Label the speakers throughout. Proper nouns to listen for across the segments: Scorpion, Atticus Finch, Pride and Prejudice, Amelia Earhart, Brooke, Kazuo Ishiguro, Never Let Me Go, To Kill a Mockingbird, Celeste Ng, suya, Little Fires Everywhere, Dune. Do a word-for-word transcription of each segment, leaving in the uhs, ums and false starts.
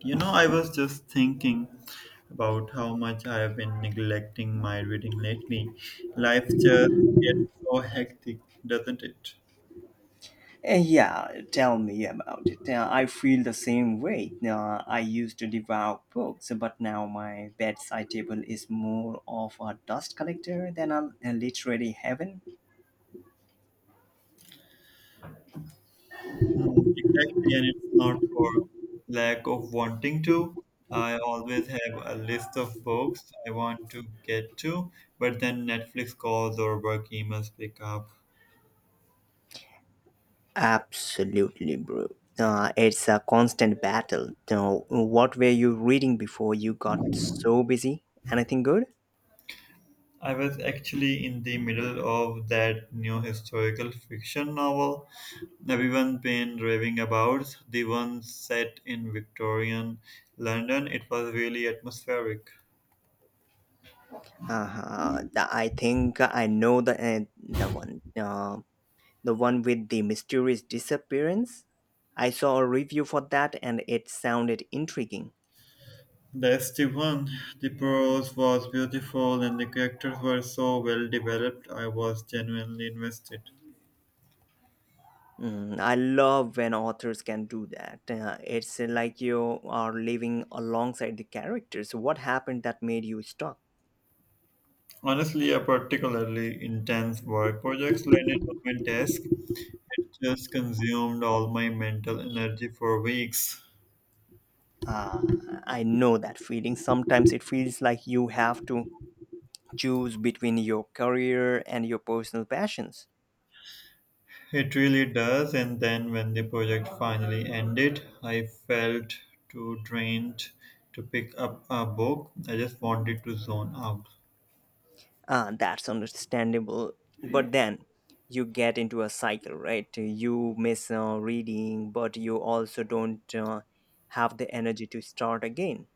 Speaker 1: You know, I was just thinking about how much I have been neglecting my reading lately. Life just gets so hectic, doesn't it?
Speaker 2: Eh, Yeah, tell me about it. Uh, I feel the same way. Uh, I used to devour books, but now my bedside table is more of a dust collector than a, a literary heaven.
Speaker 1: Hmm, exactly, and it's not for lack of wanting to. I always have a list of books I want to get to, but then Netflix calls or work emails pick up.
Speaker 2: Absolutely, bro. Uh, it's a constant battle. Now, what were you reading before you got so busy? Anything good?
Speaker 1: I was actually in the middle of that new historical fiction novel everyone been raving about, the one set in Victorian London. It was really atmospheric.
Speaker 2: Uh-huh. th- I think I know the uh, the one. Uh, The one with the mysterious disappearance? I saw a review for that and it sounded intriguing.
Speaker 1: That's the one. The prose was beautiful and the characters were so well developed. I was genuinely invested.
Speaker 2: Mm, I love when authors can do that. Uh, it's like you are living alongside the characters. What happened that made you stuck?
Speaker 1: Honestly, a particularly intense work projects landed on my desk. It just consumed all my mental energy for weeks.
Speaker 2: Uh, I know that feeling. Sometimes it feels like you have to choose between your career and your personal passions.
Speaker 1: It really does. And then when the project finally ended, I felt too drained to pick up a book. I just wanted to zone out.
Speaker 2: Uh, that's understandable, but then you get into a cycle, right? You miss uh, reading, but you also don't uh, have the energy to start again.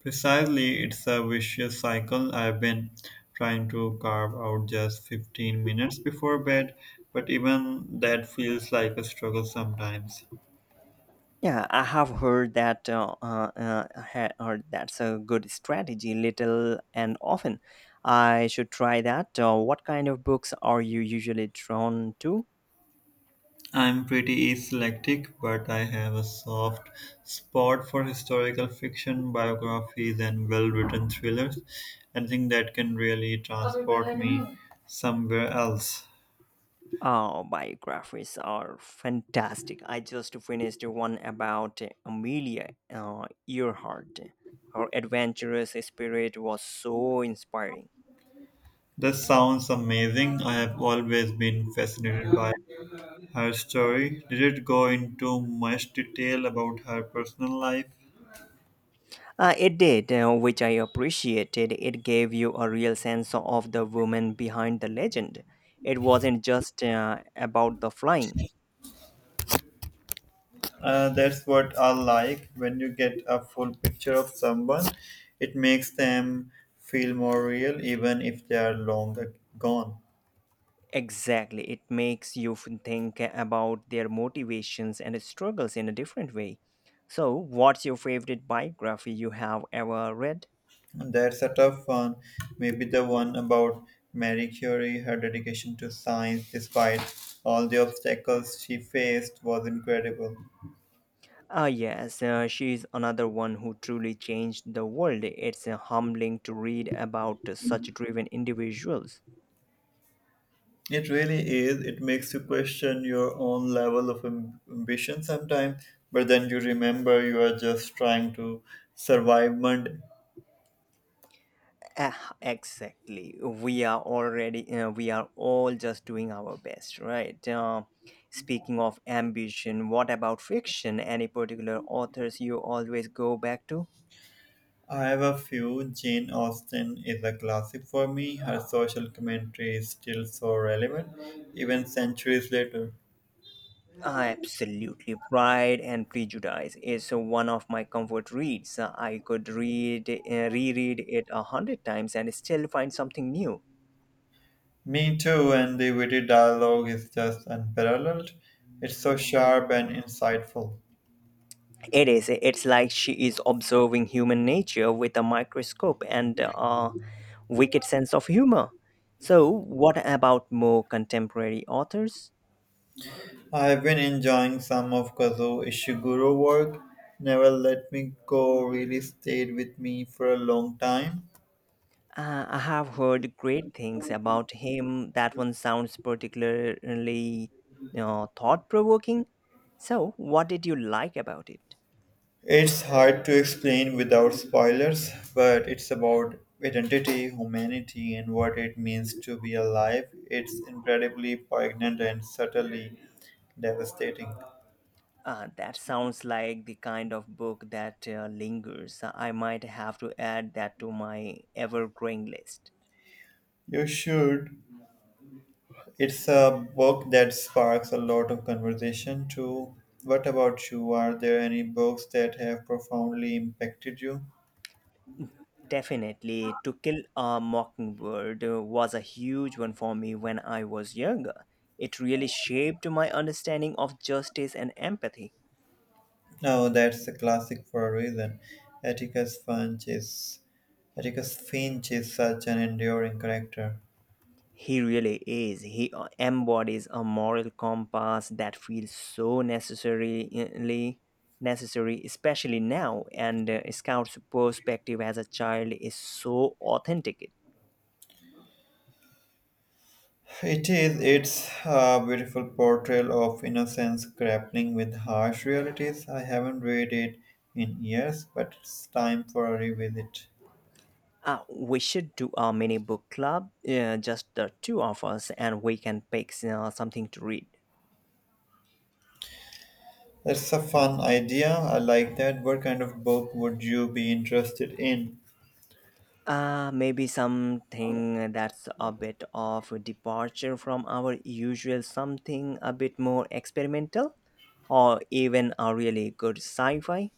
Speaker 1: Precisely, it's a vicious cycle. I've been trying to carve out just fifteen minutes before bed, but even that feels like a struggle sometimes.
Speaker 2: Yeah, I have heard that, uh, uh, uh, ha- heard that's a good strategy, little and often. I should try that. Uh, what kind of books are you usually drawn to?
Speaker 1: I'm pretty eclectic, but I have a soft spot for historical fiction, biographies, and well written thrillers. Anything that can really transport me somewhere else.
Speaker 2: Oh, biographies are fantastic. I just finished one about Amelia uh, Earhart. Her adventurous spirit was so inspiring.
Speaker 1: This sounds amazing. I have always been fascinated by her story. Did it go into much detail about her personal life?
Speaker 2: Uh, it did, uh, which I appreciated. It gave you a real sense of the woman behind the legend. It wasn't just uh, about the flying.
Speaker 1: Uh, that's what I like. When you get a full picture of someone, it makes them feel more real, even if they are long gone.
Speaker 2: Exactly. It makes you f- think about their motivations and struggles in a different way. So, what's your favorite biography you have ever read?
Speaker 1: And that's a tough one. Maybe the one about Marie Curie, her dedication to science despite all the obstacles she faced was incredible.
Speaker 2: Ah, yes, uh, she's another one who truly changed the world. It's uh, humbling to read about such driven individuals.
Speaker 1: It really is. It makes you question your own level of am- ambition sometimes, but then you remember you are just trying to survive Monday.
Speaker 2: Ah, exactly. We are already, uh, we are all just doing our best, right? Uh, speaking of ambition, what about fiction? Any particular authors you always go back to?
Speaker 1: I have a few. Jane Austen is a classic for me. Her social commentary is still so relevant, even centuries later.
Speaker 2: Absolutely. Pride and Prejudice is one of my comfort reads. I could read, uh, reread it a hundred times and still find something new.
Speaker 1: Me too, and the witty dialogue is just unparalleled. It's so sharp and insightful.
Speaker 2: It is. It's like she is observing human nature with a microscope and a wicked sense of humor. So, what about more contemporary authors?
Speaker 1: I have been enjoying some of Kazuo Ishiguro work. Never Let Me Go really stayed with me for a long time.
Speaker 2: Uh, I have heard great things about him. That one sounds particularly uh, thought provoking. So, what did you like about it?
Speaker 1: It's hard to explain without spoilers, but it's about identity, humanity, and what it means to be alive. It's incredibly poignant and subtly devastating.
Speaker 2: Uh, that sounds like the kind of book that uh, lingers. I might have to add that to my ever growing list.
Speaker 1: You should. It's a book that sparks a lot of conversation too. What about you? Are there any books that have profoundly impacted you?
Speaker 2: Definitely, To Kill a Mockingbird uh, was a huge one for me when I was younger. It really shaped my understanding of justice and empathy.
Speaker 1: No, that's a classic for a reason. Atticus Finch is Atticus Finch is such an enduring character.
Speaker 2: He really is. He uh, embodies a moral compass that feels so necessarily necessary, especially now. And uh, Scout's perspective as a child is so authentic.
Speaker 1: It is. It's a beautiful portrayal of innocence grappling with harsh realities. I haven't read it in years, but it's time for a revisit.
Speaker 2: Uh, we should do a mini book club, uh, just the two of us, and we can pick uh, something to read.
Speaker 1: That's a fun idea. I like that. What kind of book would you be interested in?
Speaker 2: Uh, maybe something that's a bit of a departure from our usual, something a bit more experimental, or even a really good sci fi.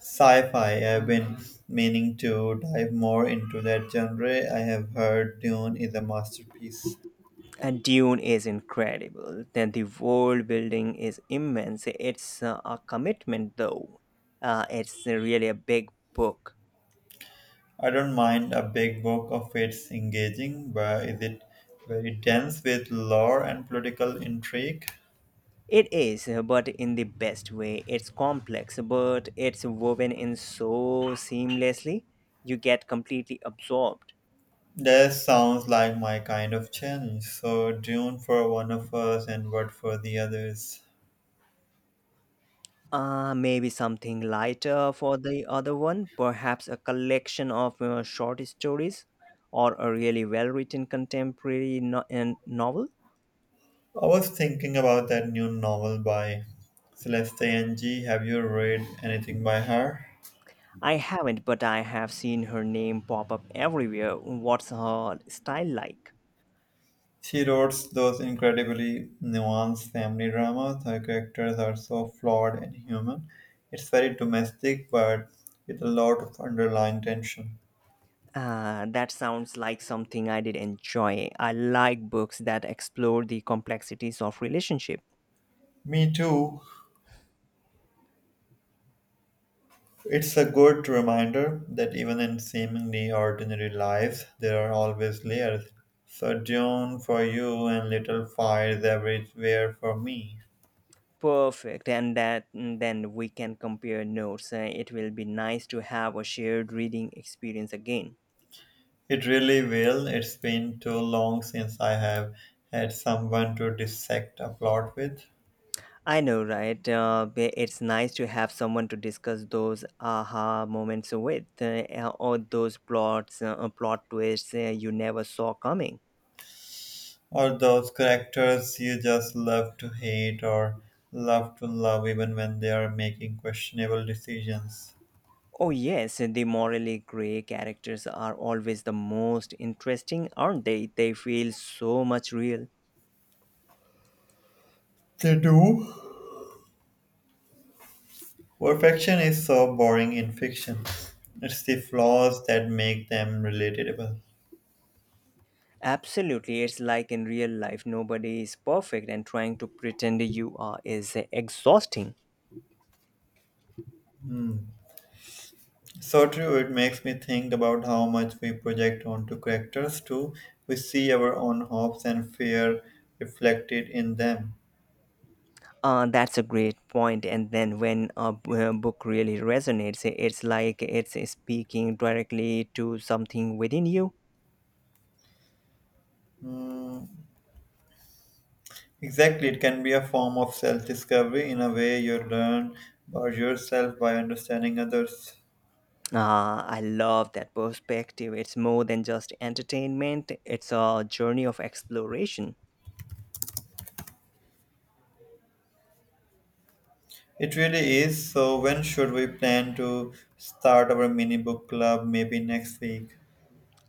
Speaker 1: Sci-fi. I've been meaning to dive more into that genre. I have heard Dune is a masterpiece.
Speaker 2: And Dune is incredible. Then the world building is immense. It's uh, a commitment, though. Uh, it's really a big book.
Speaker 1: I don't mind a big book if it's engaging, but is it very dense with lore and political intrigue?
Speaker 2: It is, but in the best way. It's complex, but it's woven in so seamlessly. You get completely absorbed.
Speaker 1: That sounds like my kind of challenge. So, Dune for one of us and what for the others.
Speaker 2: Uh, maybe something lighter for the other one, perhaps a collection of uh, short stories or a really well written contemporary no- uh, novel.
Speaker 1: I was thinking about that new novel by Celeste Ng. Have you read anything by her?
Speaker 2: I haven't, but I have seen her name pop up everywhere. What's her style like?
Speaker 1: She wrote those incredibly nuanced family dramas. Her characters are so flawed and human. It's very domestic, but with a lot of underlying tension.
Speaker 2: Uh, that sounds like something I did enjoy. I like books that explore the complexities of relationship.
Speaker 1: Me too. It's a good reminder that even in seemingly ordinary lives, there are always layers. So, June for you and little fires everywhere for me.
Speaker 2: Perfect, and that and then we can compare notes. Uh, it will be nice to have a shared reading experience again.
Speaker 1: It really will. It's been too long since I have had someone to dissect a plot with.
Speaker 2: I know, right? Uh, b- it's nice to have someone to discuss those aha moments with, uh, or those plots, uh, uh, plot twists uh, you never saw coming.
Speaker 1: Or those characters you just love to hate or love to love even when they are making questionable decisions.
Speaker 2: Oh yes, the morally gray characters are always the most interesting, aren't they? They feel so much real.
Speaker 1: They do. Perfection is so boring in fiction. It's the flaws that make them relatable.
Speaker 2: Absolutely, it's like in real life, nobody is perfect, and trying to pretend you are is exhausting.
Speaker 1: Hmm. So true, it makes me think about how much we project onto characters too. We see our own hopes and fear reflected in them.
Speaker 2: Uh, that's a great point. And then when a b- a book really resonates, it's like it's speaking directly to something within you.
Speaker 1: Hmm. Exactly, it can be a form of self discovery. In a way, you learn about yourself by understanding others.
Speaker 2: Uh, I love that perspective. It's more than just entertainment, it's a journey of exploration.
Speaker 1: It really is. So, when should we plan to start our mini book club? Maybe next week.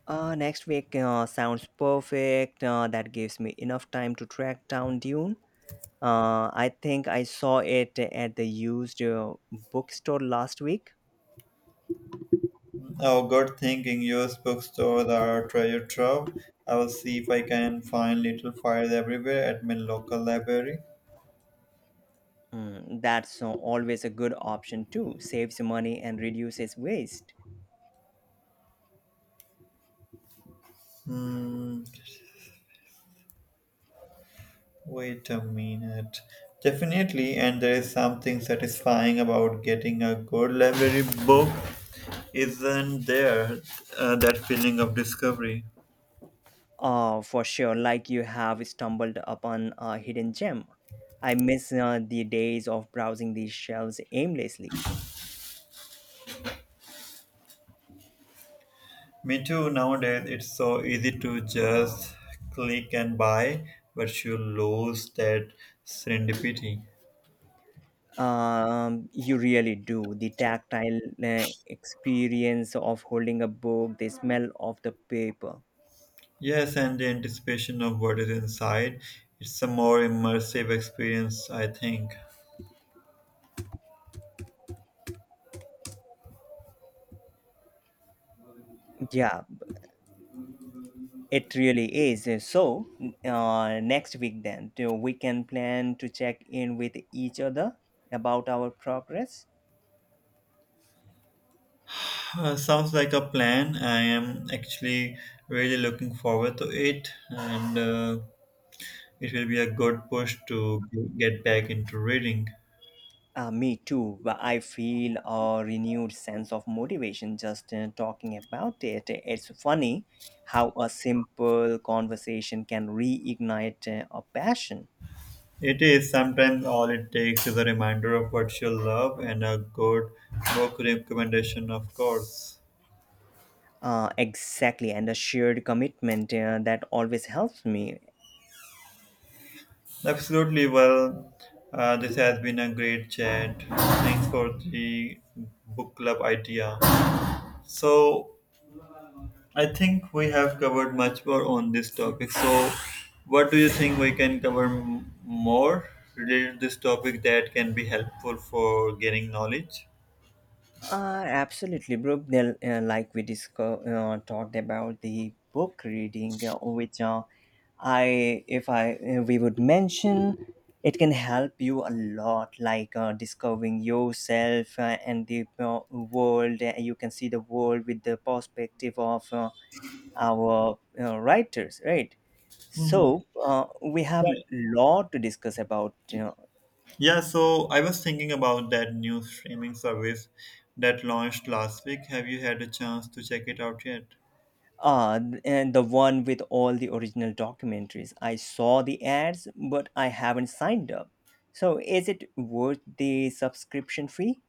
Speaker 2: Uh, next week uh, sounds perfect. Uh, that gives me enough time to track down Dune. Uh, I think I saw it at the used uh, bookstore last week.
Speaker 1: Oh, good thinking. Use bookstores are treasure trove. I will see if I can find little fires everywhere at my local library.
Speaker 2: Mm, that's uh, always a good option too. Saves money and reduces waste.
Speaker 1: Hmm, wait a minute. Definitely, and there is something satisfying about getting a good library book, isn't there? Uh, that feeling of discovery.
Speaker 2: Uh, for sure, like you have stumbled upon a hidden gem. I miss uh, the days of browsing these shelves aimlessly.
Speaker 1: Me too, nowadays it's so easy to just click and buy, but you lose that serendipity.
Speaker 2: Um, you really do. The tactile uh, experience of holding a book, the smell of the paper.
Speaker 1: Yes, and the anticipation of what is inside. It's a more immersive experience, I think.
Speaker 2: Yeah, it really is. So, uh, next week, then, do we can plan to check in with each other about our progress.
Speaker 1: Uh, sounds like a plan. I am actually really looking forward to it, and uh, it will be a good push to get back into reading.
Speaker 2: Uh, me too. But I feel a renewed sense of motivation just uh, talking about it. It's funny how a simple conversation can reignite uh, a passion.
Speaker 1: It is sometimes all it takes is a reminder of what you love and a good book recommendation, of course.
Speaker 2: Uh, exactly, and a shared commitment uh, that always helps me.
Speaker 1: Absolutely. Well, uh, this has been a great chat. Thanks for the book club idea. So, I think we have covered much more on this topic. So, what do you think we can cover m- more related to this topic that can be helpful for gaining knowledge?
Speaker 2: Uh, absolutely, Brooke. They'll, Uh, like we disco- uh, talked about the book reading, uh, which uh, I, if I, uh, we would mention, it can help you a lot, like uh, discovering yourself uh, and the uh, world. Uh, you can see the world with the perspective of uh, our uh, writers, right?
Speaker 1: Mhm.
Speaker 2: So uh, we have
Speaker 1: Yeah.
Speaker 2: lot to discuss about. You know,
Speaker 1: Yeah, so I was thinking about that new streaming service that launched last week. Have you had a chance to check it out yet?
Speaker 2: Ah, th- and the one with all the original documentaries. I saw the ads, but I haven't signed up. So is it worth the subscription fee?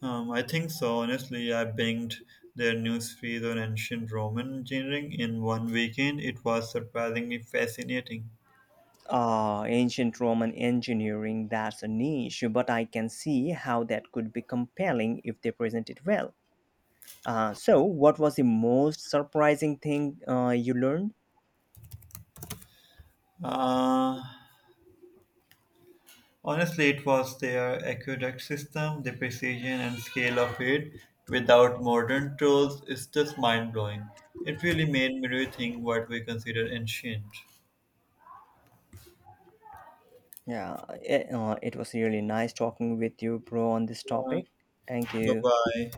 Speaker 1: Um, I think so. Honestly, I binged their news feed on ancient Roman engineering in one weekend. It was surprisingly fascinating.
Speaker 2: Ah, ancient Roman engineering, that's a niche, but I can see how that could be compelling if they present it well. Uh, so, what was the most surprising thing uh, you learned?
Speaker 1: Uh, honestly, it was their aqueduct system, the precision and scale of it without modern tools is just mind blowing. It really made me rethink what we consider ancient.
Speaker 2: Yeah, it, uh, it was really nice talking with you, bro, on this
Speaker 1: Yeah.
Speaker 2: topic. Thank
Speaker 1: Bye
Speaker 2: you.
Speaker 1: bye.